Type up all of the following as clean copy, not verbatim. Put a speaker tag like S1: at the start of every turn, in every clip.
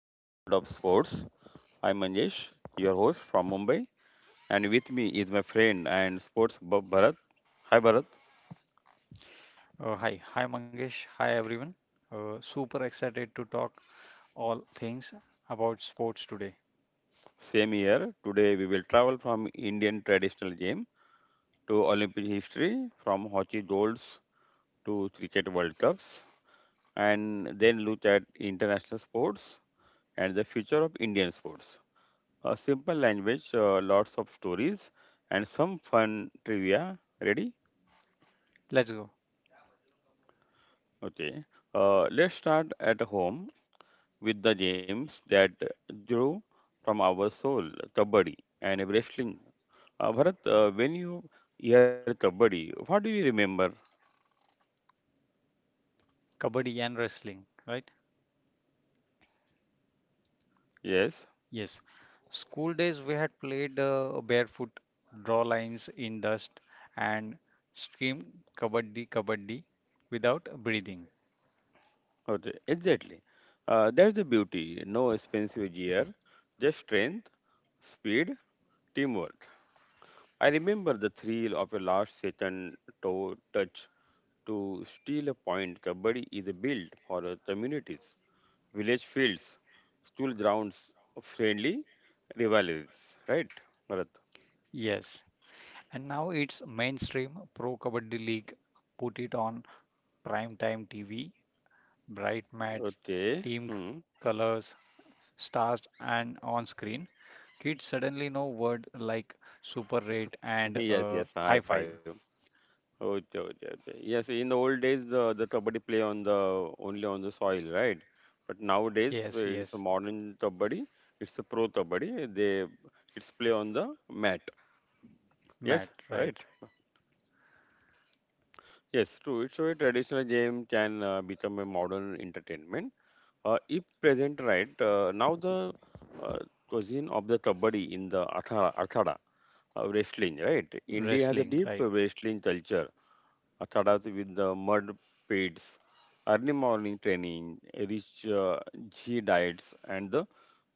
S1: and the World of Sports. I'm Manjesh, your host from Mumbai, and with me is my friend and sports buff Bharat. Hi Bharat,
S2: Hi Mangesh, hi everyone. Super excited to talk all things about sports today.
S1: same here. Today we will travel from Indian traditional game to Olympic history, from hockey goals to cricket World Cups, and then look at international sports and the future of Indian sports. A simple language, lots of stories, and some fun trivia. Ready?
S2: Let's go.
S1: Okay, let's start at home with the games that drew from our soul, Kabaddi and wrestling. Bharat, when you hear Kabaddi, what do you remember?
S2: Kabaddi and wrestling, right?
S1: Yes,
S2: Yes. School days we had played barefoot, draw lines in dust, and scream kabaddi kabaddi without breathing.
S1: okay, exactly. That's the beauty. No expensive gear, just strength, speed, teamwork. I remember the thrill of a last second toe touch to steal a point. Kabaddi is a build for communities. Village fields, school grounds, friendly rivalries, right? Bharat.
S2: Yes. And now it's mainstream Pro Kabaddi League. Put it on prime time TV, bright mats,
S1: Okay.
S2: team
S1: Hmm.
S2: colors, stars and on screen, kids suddenly know words like super rate
S1: So
S2: and
S1: yes, yes,
S2: high
S1: high
S2: five.
S1: five. Okay, okay, okay. Yes, in the old days, the kabaddi play on the only on the soil, right? But nowadays,
S2: Yes, yes,
S1: it's a modern kabaddi. It's a pro kabaddi. They it's play on the mat.
S2: Matt,
S1: Yes,
S2: right.
S1: right. Yes, true. It's a traditional game can become a modern entertainment. If present, right, now the uh, cuisine of the Kabaddi in the Athara, wrestling, right? India has a
S2: Wrestling,
S1: deep
S2: right,
S1: wrestling culture. Athadas with the mud pits, early morning training, rich ghee diets, and the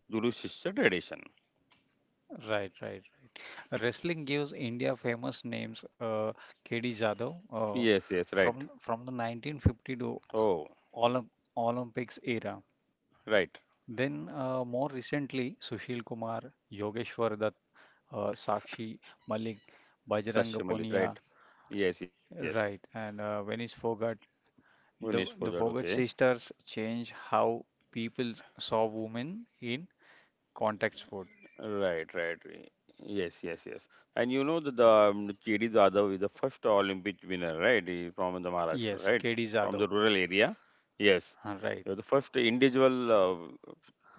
S1: Guru Shishya tradition.
S2: right, right, right. Wrestling gives India famous names, KD Jadhav
S1: Yes, yes,
S2: from
S1: right.
S2: the 1950 to
S1: Oh,
S2: Olymp Olympics era. Then
S1: right.
S2: more recently, Sushil Kumar, Yogeshwar Dutt, Sakshi Malik, Bajrang
S1: Sashya Malik,
S2: Punia.
S1: right. Yes, yes.
S2: Right, and when it's forgot,
S1: Vinesh
S2: the
S1: Pojad,
S2: the
S1: okay.
S2: forgot sisters change how people saw women in contact sport.
S1: Right, right. Yes, yes, yes. And you know that the KD Jadhav is the first Olympic winner, right? He from the Maharashtra,
S2: Yes,
S1: right?
S2: KD
S1: From
S2: Jadhav.
S1: the rural area. Yes.
S2: Right,
S1: He was the first individual uh,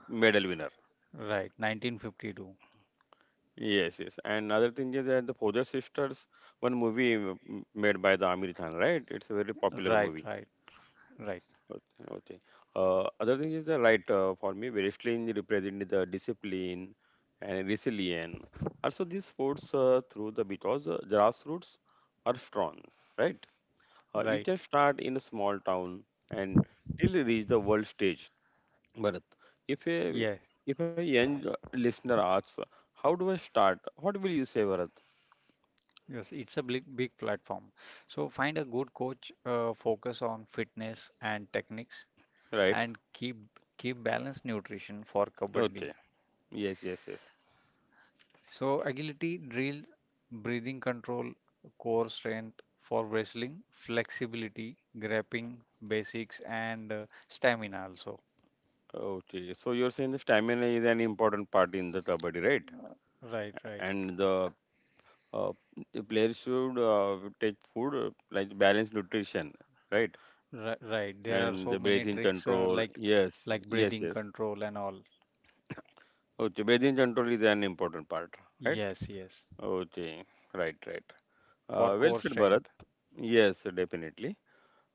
S1: medal winner.
S2: right, 1952.
S1: Yes, yes. And other thing is that the Poder Sisters, one movie made by the Amir Khan, right? It's a very popular
S2: Right,
S1: movie.
S2: right, right,
S1: Okay. Okay. Other thing is the right for me, wrestling represent the discipline and resilience. Also, these sports through the because grassroots are strong, right? You
S2: right.
S1: can start in a small town and till you reach the world stage. But if
S2: Yeah,
S1: a if a young listener asks, how do I start? What will you say, Bharat?
S2: yes, it's a big big platform. So find a good coach, focus on fitness and techniques,
S1: Right?
S2: and keep balanced nutrition for kabaddi.
S1: Okay. Yes, yes, yes.
S2: So agility drills, breathing control, core strength for wrestling, flexibility, grappling basics and stamina also.
S1: Okay. So you're saying the stamina is an important part in the kabaddi, right?
S2: Uh, Right, right,
S1: And uh, the players should take food like balanced nutrition, right?
S2: right, right. There are
S1: And
S2: so
S1: the
S2: many
S1: breathing
S2: tricks
S1: control.
S2: like
S1: Yes,
S2: like
S1: yes,
S2: breathing
S1: yes.
S2: control and all.
S1: Okay, breathing control is an important part, right?
S2: Yes, yes.
S1: Okay, right, right.
S2: For
S1: Well
S2: core
S1: said, Bharat.
S2: strength.
S1: Yes, definitely.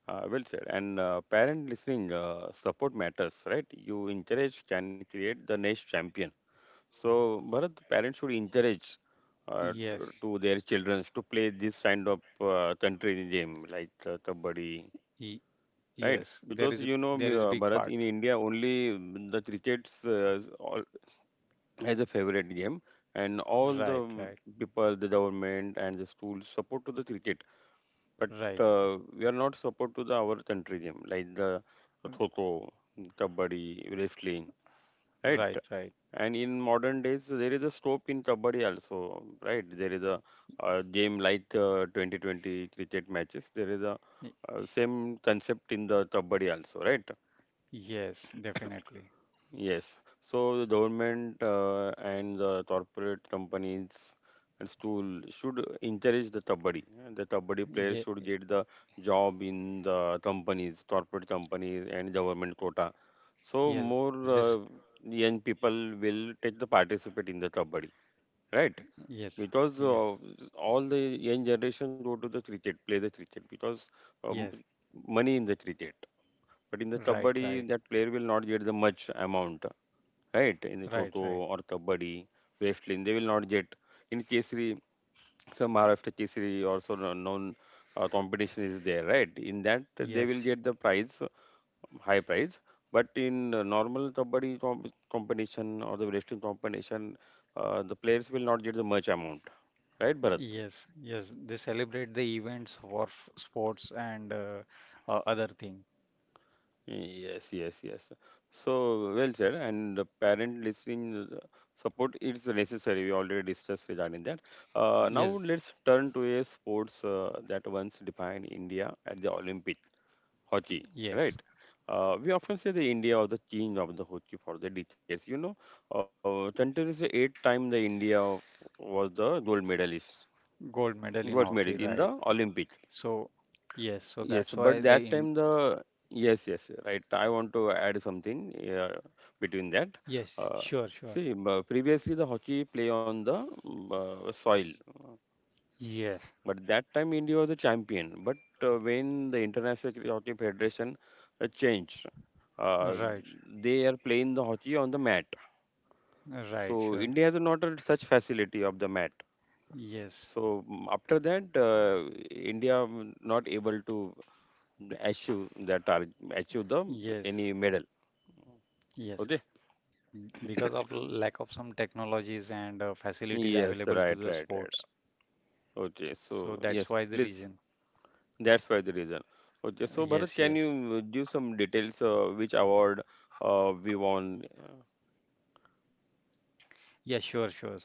S1: Well said. And parent listening, support matters, right? You encourage can create the next champion. So, Bharat, parents should encourage to
S2: Yes.
S1: to their children to play this kind of country game like kabaddi,
S2: Y
S1: right?
S2: yes.
S1: Because
S2: There
S1: you know,
S2: is a big
S1: Bharat,
S2: part.
S1: in India only mm, the cricket's is all as a favorite game, and all the
S2: Right,
S1: mm,
S2: right,
S1: people, the government and the schools support to the cricket, but
S2: right,
S1: we are not support to the our country game like the kho-kho, kabaddi, wrestling, right?
S2: right, right.
S1: And in modern days, there is a scope in Kabaddi also, right? There is a game like 2020 cricket matches. There is a same concept in the Kabaddi also, right?
S2: Yes, definitely.
S1: Yes. So the government and the corporate companies and school should encourage the Kabaddi. And the Kabaddi players
S2: Ye
S1: should get the job in the companies, corporate companies and government quota. So
S2: Yes,
S1: more
S2: this.
S1: young people will take the participate in the Kabaddi. Right,
S2: Yes,
S1: because
S2: yes,
S1: all the young generation go to the cricket, play the cricket because um,
S2: yes,
S1: money in the cricket. But in the
S2: right, right,
S1: kabaddi, that player will not get the much amount, right? In the
S2: right,
S1: Toto
S2: right.
S1: or kabaddi, wrestling, they will not get. In Kesri, some Maharashtra Kesri also known competition is there, right? In that, they
S2: Yes,
S1: will get the prize, high prize. But in normal kabaddi competition or the wrestling competition, the players will not get the much amount, right, Bharat?
S2: yes, yes. They celebrate the events for sports and other thing.
S1: Yes, yes, yes. So well said. And the parent listening support is necessary. We already discussed regarding that. Now
S2: Yes,
S1: let's turn to a sports that once defined India at the Olympic, hockey.
S2: yes.
S1: Right. We often say the India or the king of the hockey for the decades. You know, continuously 8 time the India was the gold medalist,
S2: Gold medal in hockey,
S1: gold
S2: right.
S1: medal in the Olympic.
S2: So, yes, so that's
S1: Yes,
S2: why
S1: but
S2: they
S1: that
S2: in.
S1: time the yes, yes, right. I want to add something between that.
S2: Yes,
S1: Uh,
S2: sure, sure.
S1: See, previously the hockey play on the soil, uh,
S2: Yes,
S1: but that time India was the champion. But when the International Cricket Hockey Federation changed, uh,
S2: right,
S1: they are playing the hockey on the mat.
S2: right,
S1: So
S2: sure.
S1: India has not had such facility of the mat.
S2: Yes,
S1: So mm, after that, India mm, not able to achieve that target achieve the
S2: yes,
S1: any medal
S2: yes.
S1: okay
S2: Because of lack of some technologies and facilities
S1: yes right
S2: available to
S1: right
S2: the
S1: right
S2: sports.
S1: okay so
S2: So
S1: yes
S2: that's why the
S1: please
S2: reason.
S1: that's why the reason okay so Bharat can
S2: Yes,
S1: you
S2: yes.
S1: give some details which award we won Uh,
S2: Yeah, sure, sure, sir.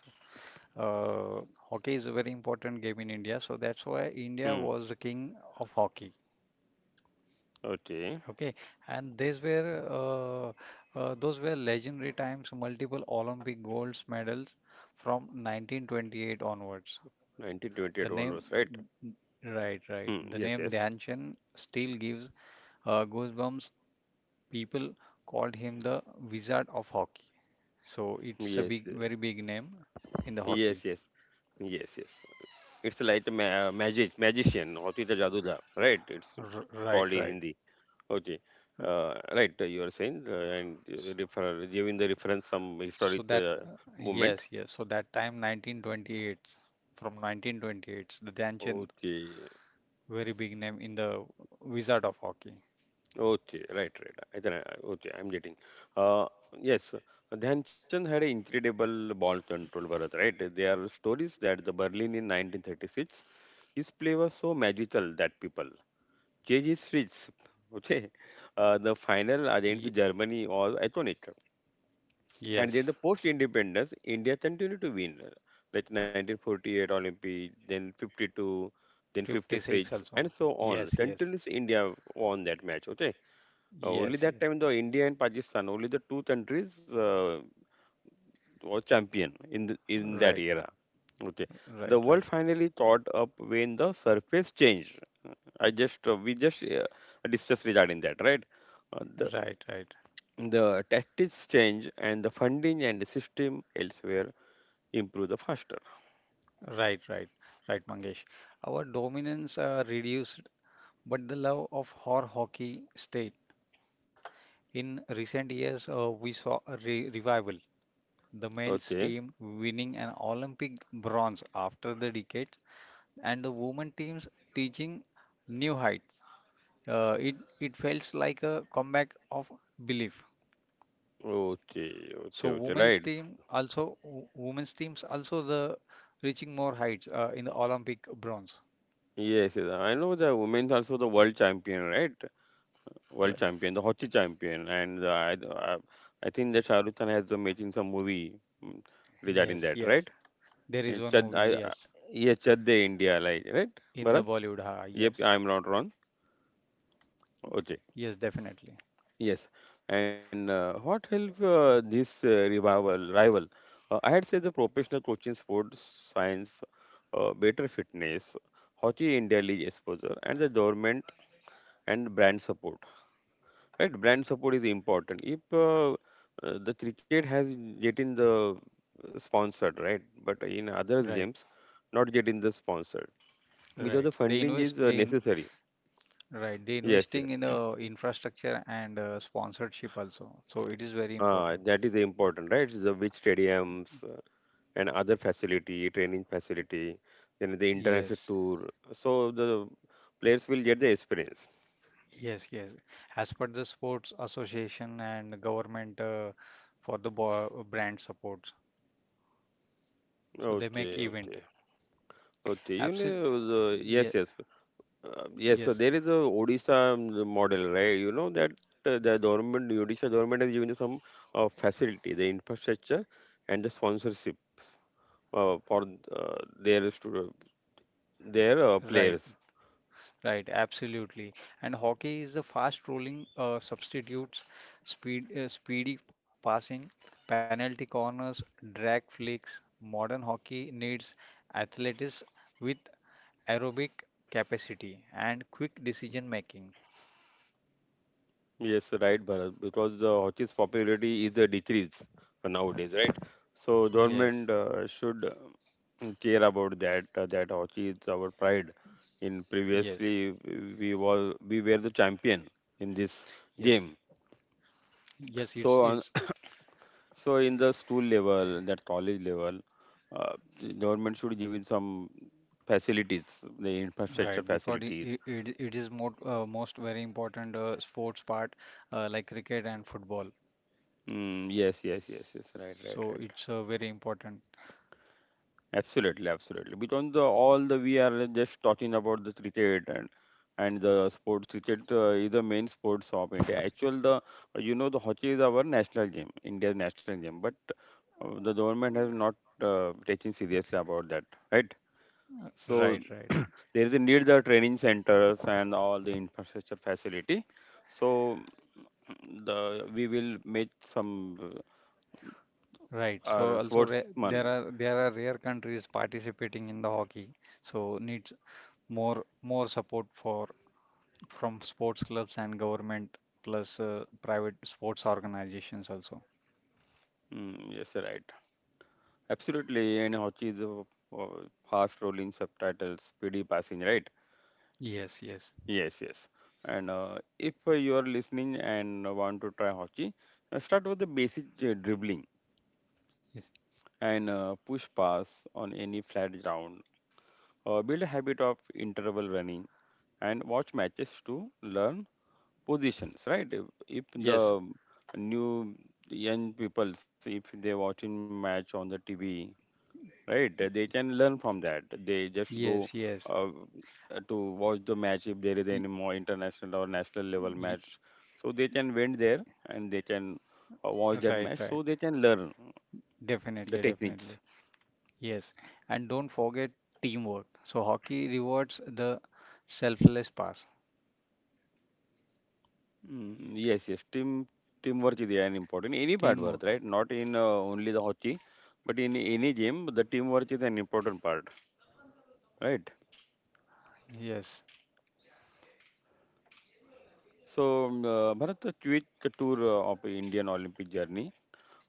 S2: Uh, Hockey is a very important game in India, so that's why India
S1: hmm
S2: was the king of hockey.
S1: okay
S2: Okay, and these were those were legendary times, multiple Olympic gold medals from 1928 onwards. The
S1: 1928 one
S2: name,
S1: was right hmm
S2: right, right.
S1: yes
S2: The
S1: yes
S2: name Dhyanchan still gives goosebumps. People called him the Wizard of Hockey, so it's a
S1: yes
S2: big,
S1: yes
S2: very big name in the hockey.
S1: yes yes yes yes. It's like a magic magician होती तो जादू right it's called
S2: Right,
S1: in
S2: right.
S1: Hindi. Okay. Right, you are saying, and refer giving the reference some
S2: So
S1: historic
S2: that,
S1: movement.
S2: yes, yes. So that time 1928, from 1928, the Dhyanchand,
S1: Okay,
S2: very big name in the Wizard of Hockey.
S1: okay, right, right. I can, okay, I'm getting. Uh, yes, Dhyanchan had an incredible ball control, Bharat, right? There are stories that the Berlin in 1936, his play was so magical that people change his streets. Okay, the final
S2: Ye
S1: against Germany was iconic. And
S2: Yes,
S1: then the post-independence, India continued to win, like 1948 Olympic, then 52, then
S2: 56
S1: 56,
S2: also.
S1: and so on.
S2: Yes, yes,
S1: Continuous India won that match. Okay, only
S2: yes, yes.
S1: that time the India and Pakistan, only the two countries were champion in that
S2: Right,
S1: era. Okay,
S2: right,
S1: the
S2: right,
S1: world finally thought up when the surface changed. I just we just discussed regarding that, right? Uh, the
S2: right, right,
S1: the tactics change and the funding and the system elsewhere improve the faster.
S2: right, right, right, Mangesh. Our dominance reduced, but the love of horror hockey stayed. In recent years, we saw a re revival. The men's
S1: Okay,
S2: team winning an Olympic bronze after the decade, and the women teams reaching new heights. Uh, it it felt like a comeback of belief.
S1: okay,
S2: So
S1: okay, okay,
S2: women's
S1: right.
S2: team also women's teams also the reaching more heights in the Olympic bronze.
S1: Yes, yes, I know the women also the world champion, right? World
S2: Right.
S1: champion, the hockey champion, and I, I think that Shahrukh Khan has making some movie mm, regarding
S2: Yes,
S1: that, right?
S2: yes. There is
S1: And
S2: one
S1: Chad,
S2: movie, yes,
S1: yes, Chad De India, like, right?
S2: in the
S1: Bharat?
S2: Bollywood. Ha,
S1: Yep,
S2: yes,
S1: I'm not wrong. Okay.
S2: yes, definitely.
S1: Yes, and what helped this revival rival? I had said the professional coaching, sports science, better fitness, Hockey India League exposure, and the government and brand support. Right, brand support is important. If the cricket has getting the sponsored, right, but in other
S2: Right,
S1: games, not getting the sponsored because the
S2: right. They
S1: funding
S2: invest.
S1: is
S2: They
S1: necessary.
S2: Right, they
S1: Yes,
S2: investing
S1: yes,
S2: in the infrastructure and sponsorship also. So it is very important.
S1: that is important, right? The which stadiums. And other facility, training facility, then the international
S2: Yes,
S1: tour. So the players will get the experience.
S2: yes, yes. As per the sports association and government for the bo brand supports, so they make
S1: Okay,
S2: event.
S1: okay, okay. You
S2: Absolutely.
S1: know, the,
S2: Yeah,
S1: yes, yes, yes. So
S2: yes.
S1: there is a Odisha model, right? You know that the government, Odisha government has given you some facility, the infrastructure, and the sponsorship for their their
S2: Right,
S1: players.
S2: right. Absolutely. And hockey is the fast rolling substitutes, speed, speedy passing, penalty corners, drag flicks. Modern hockey needs athletics with aerobic capacity and quick decision making.
S1: Yes, right, Bharat, because the hockey's popularity is a decrease nowadays, right? So
S2: Yes,
S1: government should care about that. That hockey is our pride. In
S2: yes,
S1: previously, we were the champion in this
S2: yes,
S1: game.
S2: yes. It's
S1: So on,
S2: it's
S1: so in the school level, that college level, uh, the government should give it some facilities, the infrastructure
S2: right because it
S1: facilities.
S2: it, it it is more most very important sports part like cricket and football.
S1: Mm, yes, yes, yes, yes. Right, right,
S2: So
S1: right.
S2: it's very important.
S1: Absolutely, absolutely. Because the, all the we are just talking about the cricket and the sports cricket is the main sports of India. Actually, the you know the hockey is our national game, India's national game. But the government has not taken seriously about that, right?
S2: Uh,
S1: So
S2: Right, right,
S1: there is a need the training centers and all the infrastructure facility. So the we will make some
S2: right. So
S1: our
S2: also re there
S1: sportsman.
S2: are rare countries participating in the hockey. So needs more more support for from sports clubs and government plus private sports organizations also.
S1: Mm, yes, right. Absolutely, and Hochi is a uh, fast rolling subtitles, speedy passing, right?
S2: Yes, yes,
S1: Yes, yes. And if you are listening and want to try Hochi, start with the basic dribbling
S2: yes,
S1: and push pass on any flat ground. Build a habit of interval running and watch matches to learn positions, right? If
S2: yes,
S1: the new young peoples, if they watching match on the TV right? They can learn from that. They just go
S2: yes, yes.
S1: uh, to watch the match if there is
S2: Y-
S1: any more international or national level
S2: y-
S1: match. So they can went there and they can watch that
S2: right,
S1: match.
S2: right.
S1: So they can learn the
S2: Definitely, definitely.
S1: techniques.
S2: Yes. And don't forget teamwork. So hockey rewards the selfless pass.
S1: Mm, yes, yes. Teamwork is an important any part work,
S2: Teamwork.
S1: right? Not in only the hockey, but in any game, the teamwork is an important part, right?
S2: Yes.
S1: So, Bharat, a quick tour of Indian Olympic journey.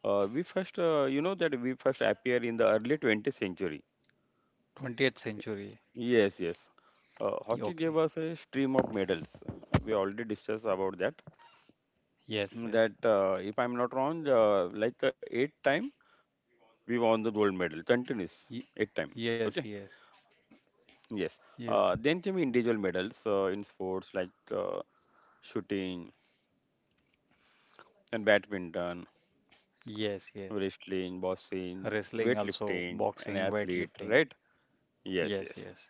S1: We first, you know that we first appear in the early 20th century.
S2: 20th century.
S1: Yes, yes. Hockey gave
S2: Okay.
S1: us a stream of medals. We already discussed about that.
S2: Yes, yes.
S1: That, if I'm not wrong, like eight time we won the gold medal continuous eight time.
S2: Y-
S1: Okay.
S2: yes, yes,
S1: Yes. Then
S2: yes,
S1: came individual medals in sports like uh, shooting and badminton,
S2: yes, yes.
S1: wrestling, boxing,
S2: Wrestling also,
S1: weightlifting, and
S2: boxing,
S1: athlete.
S2: weightlifting.
S1: Right. Yes.
S2: Yes,
S1: Yes.
S2: yes,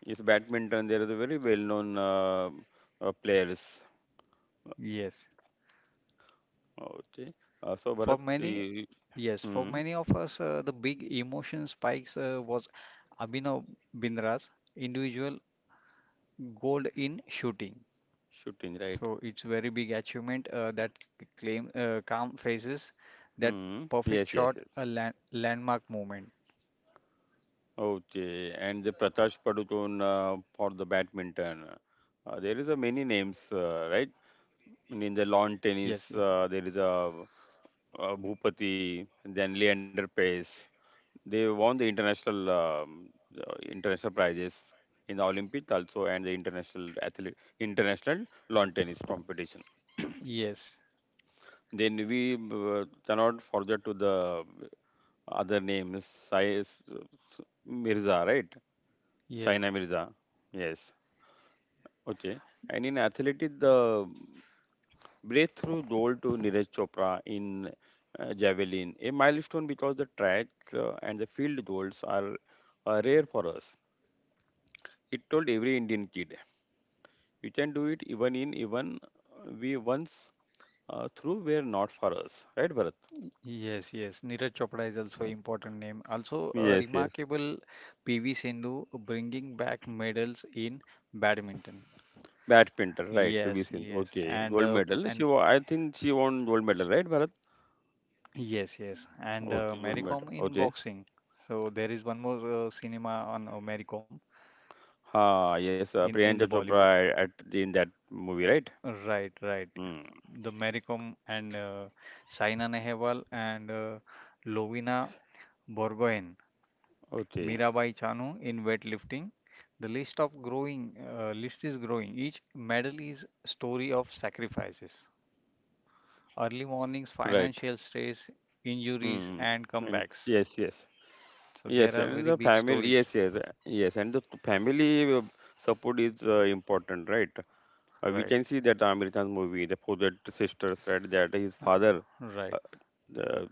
S1: Yes, badminton. There are the very well-known players.
S2: yes.
S1: Okay. So
S2: For
S1: Bharat,
S2: many, yes, for
S1: hmm,
S2: many of us, the big emotion spikes was Abhinav Bindra's individual gold in shooting.
S1: shooting, right?
S2: So it's very big achievement that claim calm faces that
S1: Hmm.
S2: perfect
S1: Yes, yes,
S2: shot,
S1: yes.
S2: a landmark moment.
S1: Okay. And the Prakash Padukone for the badminton. There is a many names, right?
S2: Yes,
S1: And
S2: yes,
S1: in the lawn tennis, there is a, Bhupati, then Leander Pace. They won the international prizes in the Olympics also and the international athlete international lawn tennis competition.
S2: yes.
S1: Then we cannot forget to the other names Sai Mirza, right?
S2: Yeah,
S1: Saina Mirza. Yes. Okay. And in athletics, the breakthrough gold to Neeraj Chopra in javelin, a milestone because the track and the field goals are rare for us. It told every Indian kid, you can do it even in even we once through were not for us, right, Bharat?
S2: yes, yes. Neeraj Chopra is also important name. Also, a
S1: Yes, yes.
S2: remarkable PV Sindhu bringing back medals in badminton.
S1: Badminton, right? PV
S2: Yes,
S1: Sindhu,
S2: yes,
S1: okay,
S2: and
S1: gold medal.
S2: and
S1: I think she won gold medal, right, Bharat?
S2: yes, yes, and
S1: Okay, gold
S2: Maricom in
S1: medal, okay.
S2: boxing. So there is one more cinema on Maricom
S1: Ah, yes,
S2: in the
S1: Priyanka
S2: Bollywood.
S1: Chopra at the, in that movie, right?
S2: Right, right.
S1: Hmm.
S2: The Maricom and Saina Nehwal and Lovina Borgohen,
S1: Okay,
S2: Mirabai Chanu in weightlifting. The list of growing list is growing. Each medal is story of sacrifices, early mornings,
S1: right.
S2: financial stress, injuries,
S1: Hmm.
S2: and
S1: And
S2: comebacks.
S1: yes, yes,
S2: So there
S1: yes,
S2: are
S1: and
S2: very
S1: the
S2: big
S1: family,
S2: stories,
S1: yes, yes, yes, and the family support is important, right? We
S2: right?
S1: can see that Amir Khan's movie, the Forget Sisters, right? That his
S2: Uh,
S1: father
S2: right.
S1: uh, uh,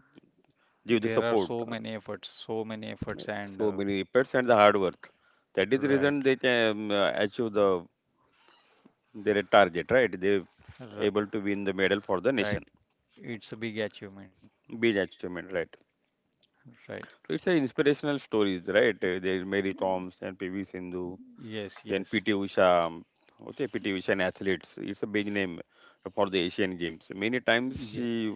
S1: give the
S2: There are
S1: support,
S2: so many efforts, and
S1: so many efforts and the hard work. That is the
S2: right,
S1: reason they can achieve the their target, right? They
S2: r
S1: able to win the medal for the
S2: right.
S1: nation,
S2: It's a big achievement,
S1: big achievement, right?
S2: right?
S1: So it's an inspirational stories, right? There is Mary Thoms and PV Sindhu,
S2: Yes,
S1: then
S2: yes,
S1: PT Usha, okay, PT Usha and athletes. It's a big name for the Asian Games. Many times
S2: yeah,
S1: she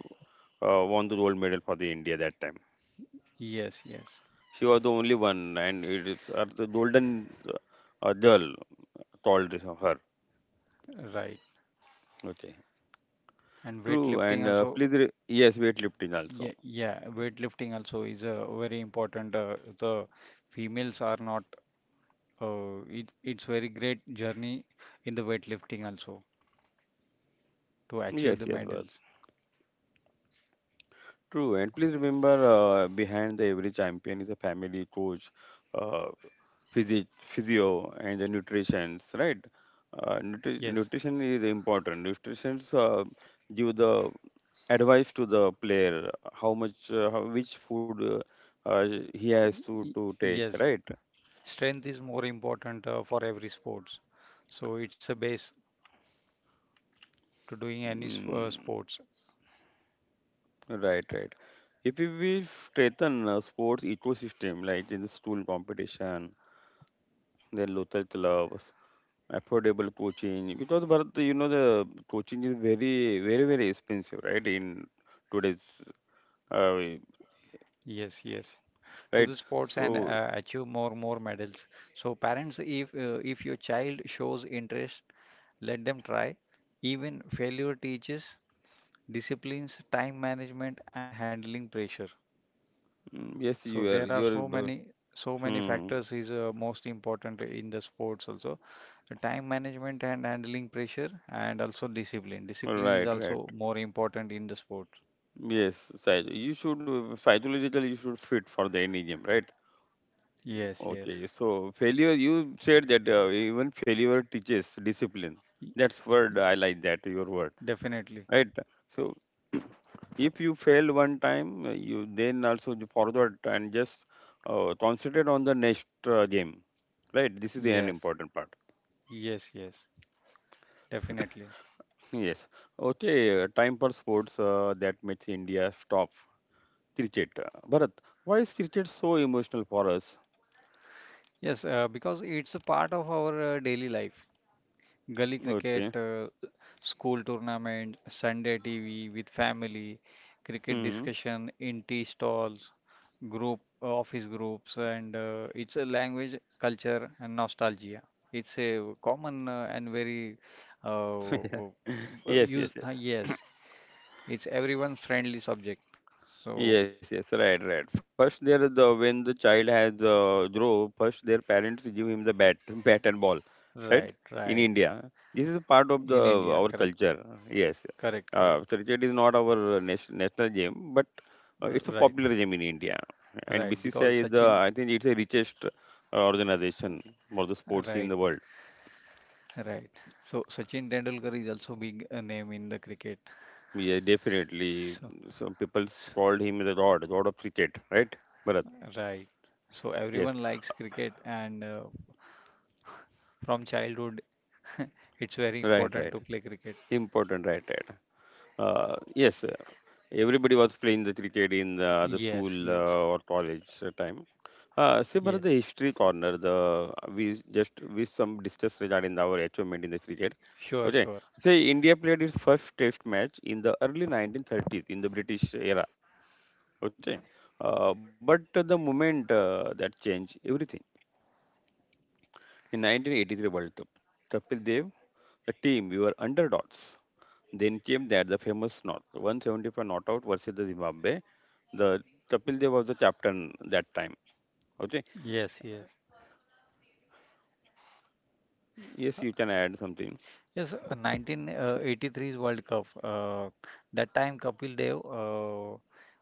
S1: won the gold medal for the India that time.
S2: yes, yes,
S1: She was the only one, and it is the golden girl told this of her.
S2: right.
S1: Okay,
S2: And
S1: true.
S2: weightlifting
S1: And please,
S2: also,
S1: yes, weightlifting also.
S2: yeah, yeah. Weightlifting also is a very important. The females are not. It's very great journey in the weightlifting also to achieve
S1: Yes,
S2: the
S1: yes, but
S2: medals.
S1: true. And please remember, behind the every champion is a family, coach, uh, physio, and the nutrition's right. Nutri-
S2: Yes.
S1: nutrition is important. Nutrition's give the advice to the player how much, how, which food uh, uh, he has to
S2: Y-
S1: to take,
S2: Yes,
S1: right?
S2: strength is more important for every sports, so it's a base to doing any
S1: Mm,
S2: sports.
S1: right, right. If we strengthen sports ecosystem like in the school competition, then local clubs, affordable coaching, because Bharat, you know the coaching is very, very, very expensive, right? In today's, uh,
S2: Yes, yes to the sports
S1: right?
S2: and
S1: So
S2: achieve more medals. So parents, if your child shows interest, let them try, even failure teaches disciplines, time management and handling pressure.
S1: yes,
S2: So there are
S1: you are,
S2: so
S1: but,
S2: many, so many
S1: hmm,
S2: factors is most important in the sports also. The time management and handling pressure, and also discipline. Discipline is
S1: right, right.
S2: also more important in the sport.
S1: Yes, you should psychologically you should fit for the any game, right?
S2: Yes, yes.
S1: Okay, so failure, you said that even failure teaches discipline.
S2: Y-
S1: That's word, I like that, your word,
S2: Definitely.
S1: right? So if you fail one time, you then also you forward and just concentrate on the next game, right? This is an
S2: Yes.
S1: important part.
S2: Yes, yes. Definitely.
S1: Yes. Okay, time for sports that makes India stop cricket. Bharat, why is cricket so emotional for us?
S2: Yes, because it's a part of our daily life. Gully cricket,
S1: Okay.
S2: school tournament, Sunday TV with family, cricket
S1: Hmm.
S2: discussion in tea stalls, group office groups, and it's a language, culture, and nostalgia. It's a common and very uh, uh,
S1: Yes, yes,
S2: use.
S1: yes.
S2: Yes, it's everyone friendly subject. So
S1: Yes, yes, right, right. First, there is the when the child has grow, first their parents give him the bat, bat and ball, right?
S2: right,
S1: In
S2: right
S1: India, this is a part of the
S2: in India,
S1: our
S2: correct,
S1: culture. Yes,
S2: correct, correct.
S1: cricket is not our national game, but it's a
S2: Right,
S1: popular game in India. And
S2: right.
S1: BCCI
S2: Because
S1: is the
S2: Sachin,
S1: I think it's the richest organization for the sports in
S2: right.
S1: the world.
S2: Right. So Sachin Tendulkar is also big name in the cricket.
S1: Yeah, definitely.
S2: So,
S1: Some people
S2: so
S1: called him the god of cricket, right? Bharat.
S2: right. So
S1: Yes,
S2: everyone likes cricket, and from childhood, it's very
S1: right,
S2: important
S1: right.
S2: to play cricket.
S1: Important, right, right. Yes, everybody was playing the cricket in the
S2: Yes,
S1: school
S2: yes,
S1: or college time. See, Bharat,
S2: yes.
S1: the history corner, just we some discuss regarding our achievement in the cricket.
S2: Sure,
S1: Okay,
S2: sure.
S1: say India played its first Test match in the early 1930s in the British era. Okay, but the moment that changed everything in 1983 World Cup, Kapil Dev, the team we were underdogs. Then came that the famous knot, 175 not out versus the Zimbabwe. The Kapil Dev was the captain that time. Okay.
S2: Yes, yes.
S1: Mm. Yes, you can add something.
S2: Yes, 1983's World Cup. That time Kapil Dev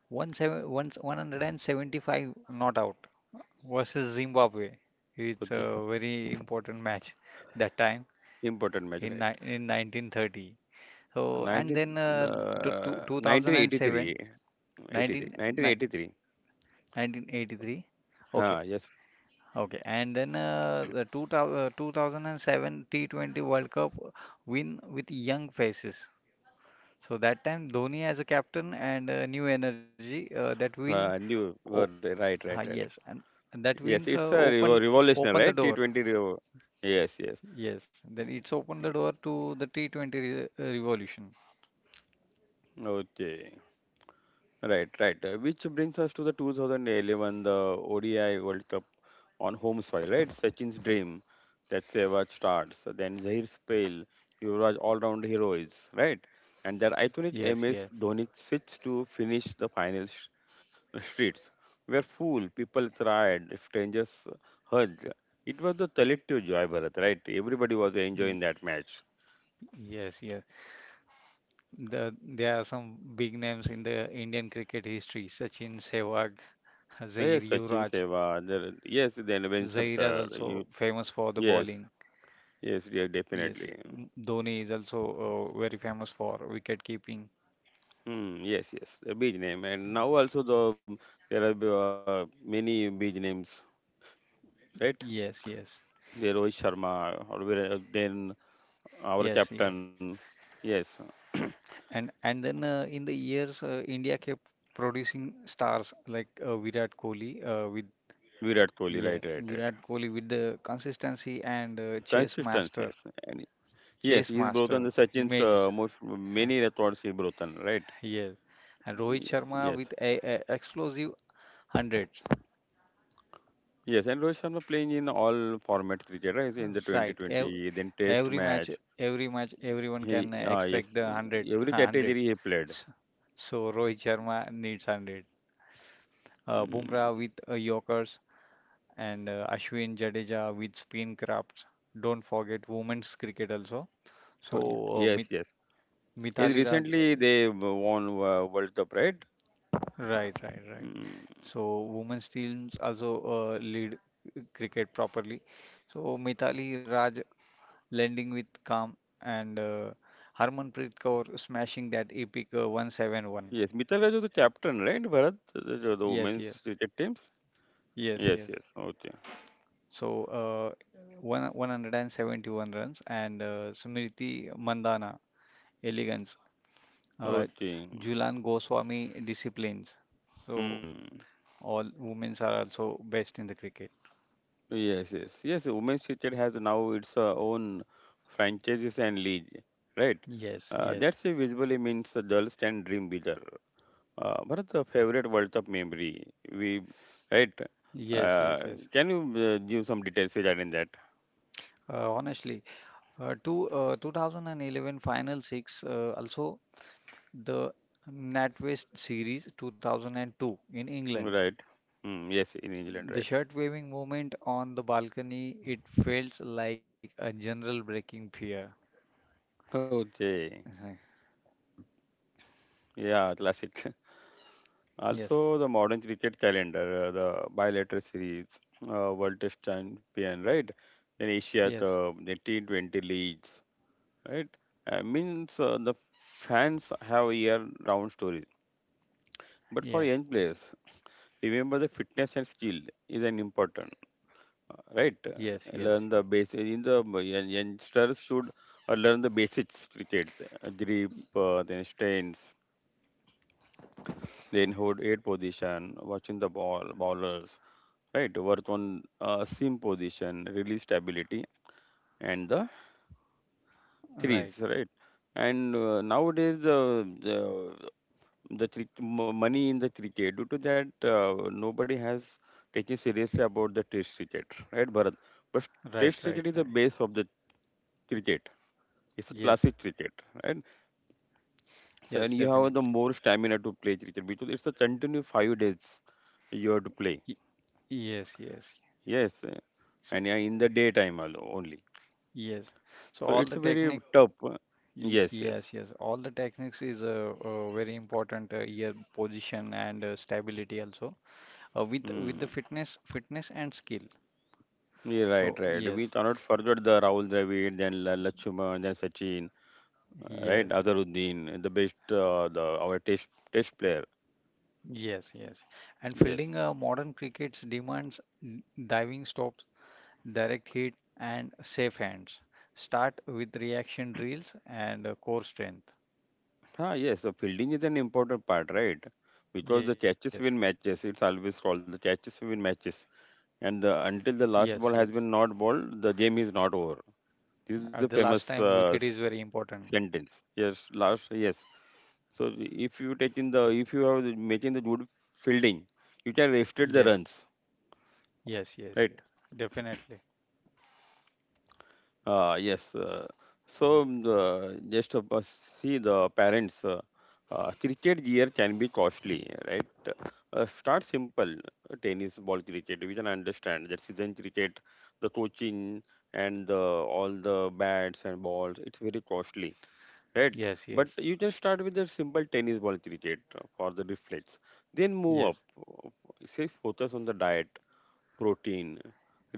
S2: won 175 not out versus Zimbabwe. It's
S1: Okay.
S2: a very important match that time,
S1: Important match,
S2: in
S1: right?
S2: ni- in 1930. So and
S1: 19,
S2: then 2007,
S1: 1983.
S2: 19,
S1: 83.
S2: ni-
S1: 1983.
S2: 1983. Okay,
S1: Huh, yes.
S2: okay. And then 2007 T20 World Cup win with young faces. So that time Dhoni as a captain and new energy that wins.
S1: New.
S2: Oh,
S1: Right, right, right.
S2: ah,
S1: Right.
S2: yes, and that
S1: Yes, it's a
S2: wins
S1: revolution, right?
S2: open the door.
S1: T20 Yes, yes.
S2: Yes, then it's opened the door to the T20 re revolution.
S1: Okay. Right, right. Which brings us to the 2011, the ODI World Cup on home soil, right? Sachin's dream that Sehwag starts, then Zahir's spell, Yuvraj all-round heroes, right? And that iconic
S2: Yes, yes,
S1: MS Dhoni sits to finish the final streets, where fool people tried, strangers heard. It was the collective joy, Bharat, right? Everybody was enjoying
S2: y-
S1: that match.
S2: yes, yes. There are some big names in the Indian cricket history. Sachin, Sehwag, Zair,
S1: Yes, Sachin
S2: Yuvraj.
S1: Sehwag, yes, then Vincent,
S2: Zair is also
S1: you,
S2: famous for the
S1: yes,
S2: bowling.
S1: yes, yeah,
S2: Yes,
S1: definitely.
S2: Dhoni is also very famous for wicket keeping.
S1: Mm, yes, yes, a beach name. And now also the there are many beach names, right?
S2: Yes, yes,
S1: There Rohit Sharma, or then our
S2: yes, yes.
S1: captain. Yes,
S2: And then in the years, India kept producing stars like Virat Kohli with
S1: Virat Kohli. Right,
S2: yeah,
S1: right, right.
S2: Virat Kohli with the consistency and
S1: Consistency. Yes, and yes,
S2: chase
S1: he's brought on the
S2: master
S1: Sachin's
S2: images.
S1: most
S2: Huh.
S1: many records he brought on. Right.
S2: Yes, and Rohit Sharma
S1: Yes.
S2: with a explosive hundreds.
S1: Yes, and Rohit Sharma playing in all formats cricket, right? In the
S2: Right, ev
S1: 2020, then Test
S2: every match,
S1: match.
S2: every match, everyone
S1: He,
S2: can
S1: ah,
S2: expect
S1: yes,
S2: the hundred,
S1: every
S2: hundred.
S1: category he played.
S2: S- So Rohit Sharma needs hundred. Bumrah
S1: Mm.
S2: with Yorkers and Ashwin Jadeja with spin crafts. Don't forget women's cricket also.
S1: Oh,
S2: So
S1: Yes, yes. Yes,
S2: Mithali Raj,
S1: recently they won World Cup, right?
S2: right, right, right.
S1: Mm.
S2: So women's teams also lead cricket properly. So Mithali Raj lending with calm, and Harmanpreet Kaur smashing that epic 171.
S1: Yes, Mittal Raj was the captain, right? Bharat, the
S2: Yes, yes,
S1: women's cricket teams.
S2: yes, yes.
S1: Yes, yes. Okay,
S2: So one 171 runs, and Smriti Mandana elegance, uh,
S1: okay.
S2: Julan Goswami disciplines. So
S1: Hmm.
S2: all women are also best in the cricket.
S1: Yes, yes, yes. Women's cricket has now its own franchises and league, right?
S2: Yes, yes,
S1: That's a visually means the girls can dream bigger. Bharat, the favorite World Cup memory, we right?
S2: yes,
S1: Uh,
S2: yes, yes.
S1: can you give some details regarding that?
S2: Honestly, 2011 Final Six also the NatWest series 2002 in England.
S1: Right. Hmm. Yes, in England,
S2: The
S1: right.
S2: shirt waving movement on the balcony, it felt like a general breaking fear.
S1: Okay.
S2: Uh-huh.
S1: Yeah, classic.
S2: Yes,
S1: Also, the modern cricket calendar, the bilateral series, World Test Champion, right? Then Asia
S2: yes,
S1: Cup, the T20 leagues, right? Means the fans have year-round stories. But for
S2: yeah,
S1: young players, remember the fitness and skill is an important, right?
S2: yes, yes.
S1: Learn the basics. In the youngsters should learn the basics cricket, grip, then strengths, then hold eight position, watching the ball bowlers, right? Work on seam position, release stability, and the
S2: Right,
S1: threes, right? And nowadays the money in the cricket due to that nobody has taken seriously about the test cricket, right, Bharat? But
S2: right,
S1: test
S2: right,
S1: cricket is the
S2: right.
S1: base of the cricket. It's a
S2: Yes,
S1: classic cricket, right? So
S2: yes,
S1: and you have
S2: definitely.
S1: the more stamina to play cricket because it's a continue 5 days you have to play.
S2: Y- yes, yes.
S1: Yes,
S2: So,
S1: and yeah, in the daytime only.
S2: yes. So
S1: So
S2: all
S1: it's
S2: the
S1: a very
S2: technique,
S1: tough. Yes, yes.
S2: yes, yes. All the techniques is a very important here, position and stability also. With the
S1: Hmm.
S2: fitness, fitness and skill.
S1: Yeah, right,
S2: So
S1: right. We
S2: yes,
S1: cannot forget the Rahul Dravid, then Lakshman, then Sachin, right?
S2: yes,
S1: Azharuddin, the best, the our test player.
S2: yes, yes. And
S1: Yes.
S2: fielding modern cricket's demands diving stops, direct hit, and safe hands. Start with reaction drills and core strength.
S1: Ah, yes. The fielding is an important part, right? Because the
S2: Yes,
S1: catches win matches. It's always called the catches win matches. And the, until the
S2: yes,
S1: last ball
S2: yes.
S1: has been not ball, the game is not over. This is
S2: At
S1: the
S2: the last
S1: famous
S2: time, wicket is very important.
S1: sentence. Yes, last. Yes. So if you are making the good fielding, you can restrict the
S2: Yes,
S1: runs,
S2: yes, yes,
S1: right?
S2: yes. Definitely.
S1: Yes. So the, just see the parents. Cricket gear can be costly, right? Start simple, tennis ball cricket. We can understand that season cricket, the coaching and all the bats and balls. It's very costly, right? But
S2: Yes,
S1: you
S2: yes,
S1: just start with a simple tennis ball cricket for the reflex. Then move up.
S2: yes,
S1: uh, Say focus on the diet, protein,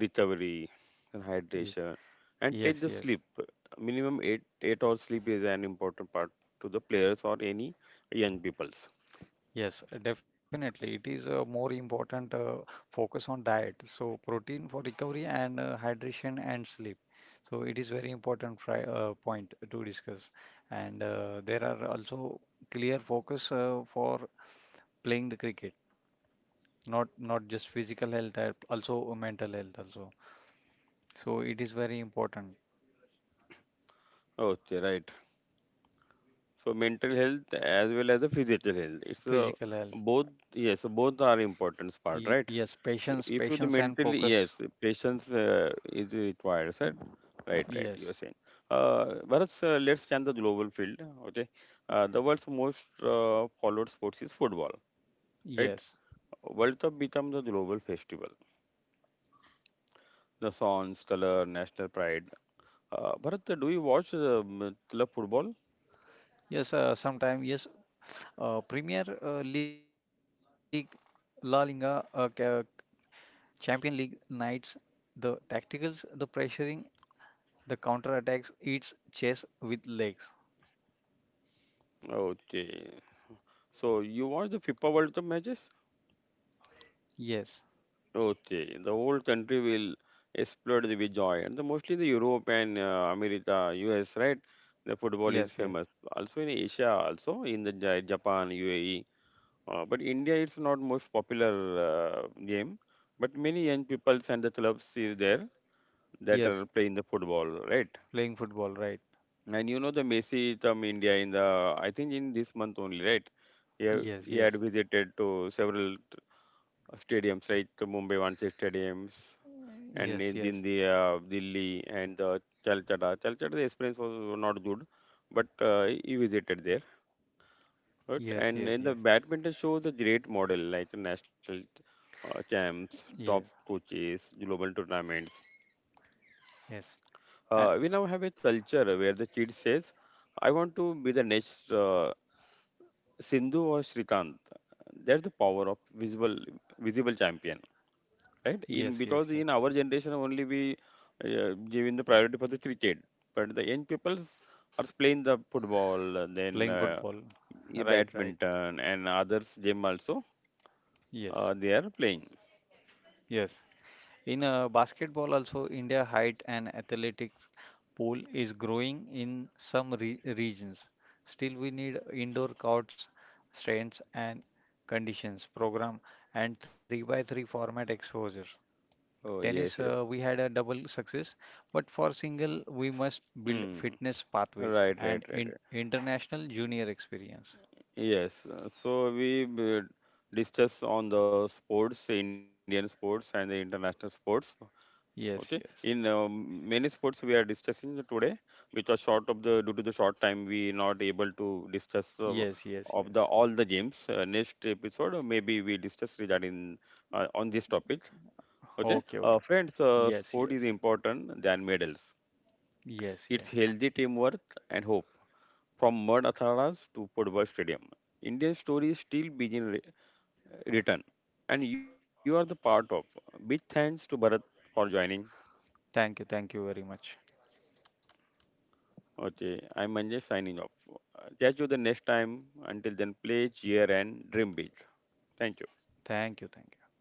S1: recovery, and hydration,
S2: ye-
S1: and take the
S2: yes,
S1: sleep.
S2: yes.
S1: Minimum eight hours sleep is an important part to the players or any young peoples.
S2: Yes, definitely. It is a more important focus on diet. So protein for recovery and hydration and sleep. So it is very important pri point to discuss. And there are also clear focus for playing the cricket, not not just physical health, also mental health also. So it is very important.
S1: Okay, right. So mental health as well as the physical health. It's
S2: Physical health.
S1: both. Yes, both are important part,
S2: Y
S1: right?
S2: yes, patience,
S1: If you the
S2: patience and
S1: mentally,
S2: focus.
S1: yes, patience is required, sir. Right, right, you are
S2: Yes,
S1: saying, uh Bharat. Sir, let's change the global field. Okay, the world's most followed sports is football, right?
S2: yes.
S1: World Cup become the global festival, the songs, color, national pride. Bharat, do you watch club football?
S2: Yes, sometime yes. Premier League, La Liga, Champion League nights, the tacticals, the pressuring, the counter attacks, it's chess with legs.
S1: Okay, so you watch the FIFA World Cup matches.
S2: Yes,
S1: Okay, the whole country will explode the with joy, and the mostly the Europe and America, US, right? The football is
S2: yes, yes,
S1: famous. Also in Asia, also in the Japan, UAE. But India, is not most popular game. But many young peoples and the clubs is there that are
S2: yes.
S1: playing the football, right?
S2: Playing football, right?
S1: And you know the Messi from India in the I think in this month only, right? He, ha-
S2: Yes,
S1: he had
S2: yes,
S1: visited to several stadiums, right? To Mumbai Wankhede stadiums and
S2: yes,
S1: in,
S2: yes,
S1: in the Delhi and Calcutta. Calcutta the experience was not good, but he visited there.
S2: yes,
S1: Right?
S2: yes, yes,
S1: And in the badminton shows a great model like the national champs,
S2: yes,
S1: top coaches, global tournaments.
S2: yes, and
S1: We now have a culture where the kid says, "I want to be the next Sindhu or Srikanth." That's the power of visible champion, right?
S2: yes,
S1: In
S2: yes,
S1: because
S2: yes.
S1: in our generation only we giving the priority for the cricket, but the young people are playing the football, and then
S2: Playing football, right, right.
S1: badminton and others game also.
S2: Yes,
S1: They are playing.
S2: yes. In basketball, also, India height and athletics pool is growing in some regions. Still, we need indoor courts, strengths and conditions program, and 3 by 3 format exposure.
S1: Oh
S2: Tennis,
S1: yes, yes.
S2: we had a double success, but for single, we must build
S1: Hmm.
S2: fitness pathways
S1: Right, right,
S2: and
S1: right, right.
S2: international junior experience.
S1: Yes. So we discuss on the sports, Indian sports and the international sports. Okay.
S2: Yes,
S1: In
S2: yes,
S1: many sports we are discussing today, because short of the due to the short time we not able to discuss
S2: yes, yes,
S1: of the
S2: yes.
S1: all the games. Next episode maybe we discuss regarding on this topic. Okay,
S2: Okay, okay.
S1: friends,
S2: Yes,
S1: sport is
S2: yes,
S1: important than medals.
S2: yes,
S1: It's
S2: yes.
S1: healthy teamwork and hope. From mud atharas to football stadium, Indian stories still begin written, and you are the part of. Big thanks to Bharat for joining.
S2: Thank you. Thank you very much.
S1: Okay, I'm Manjesh signing off. Catch you the next time. Until then, play, cheer, and dream big. Thank you.
S2: Thank you. Thank you.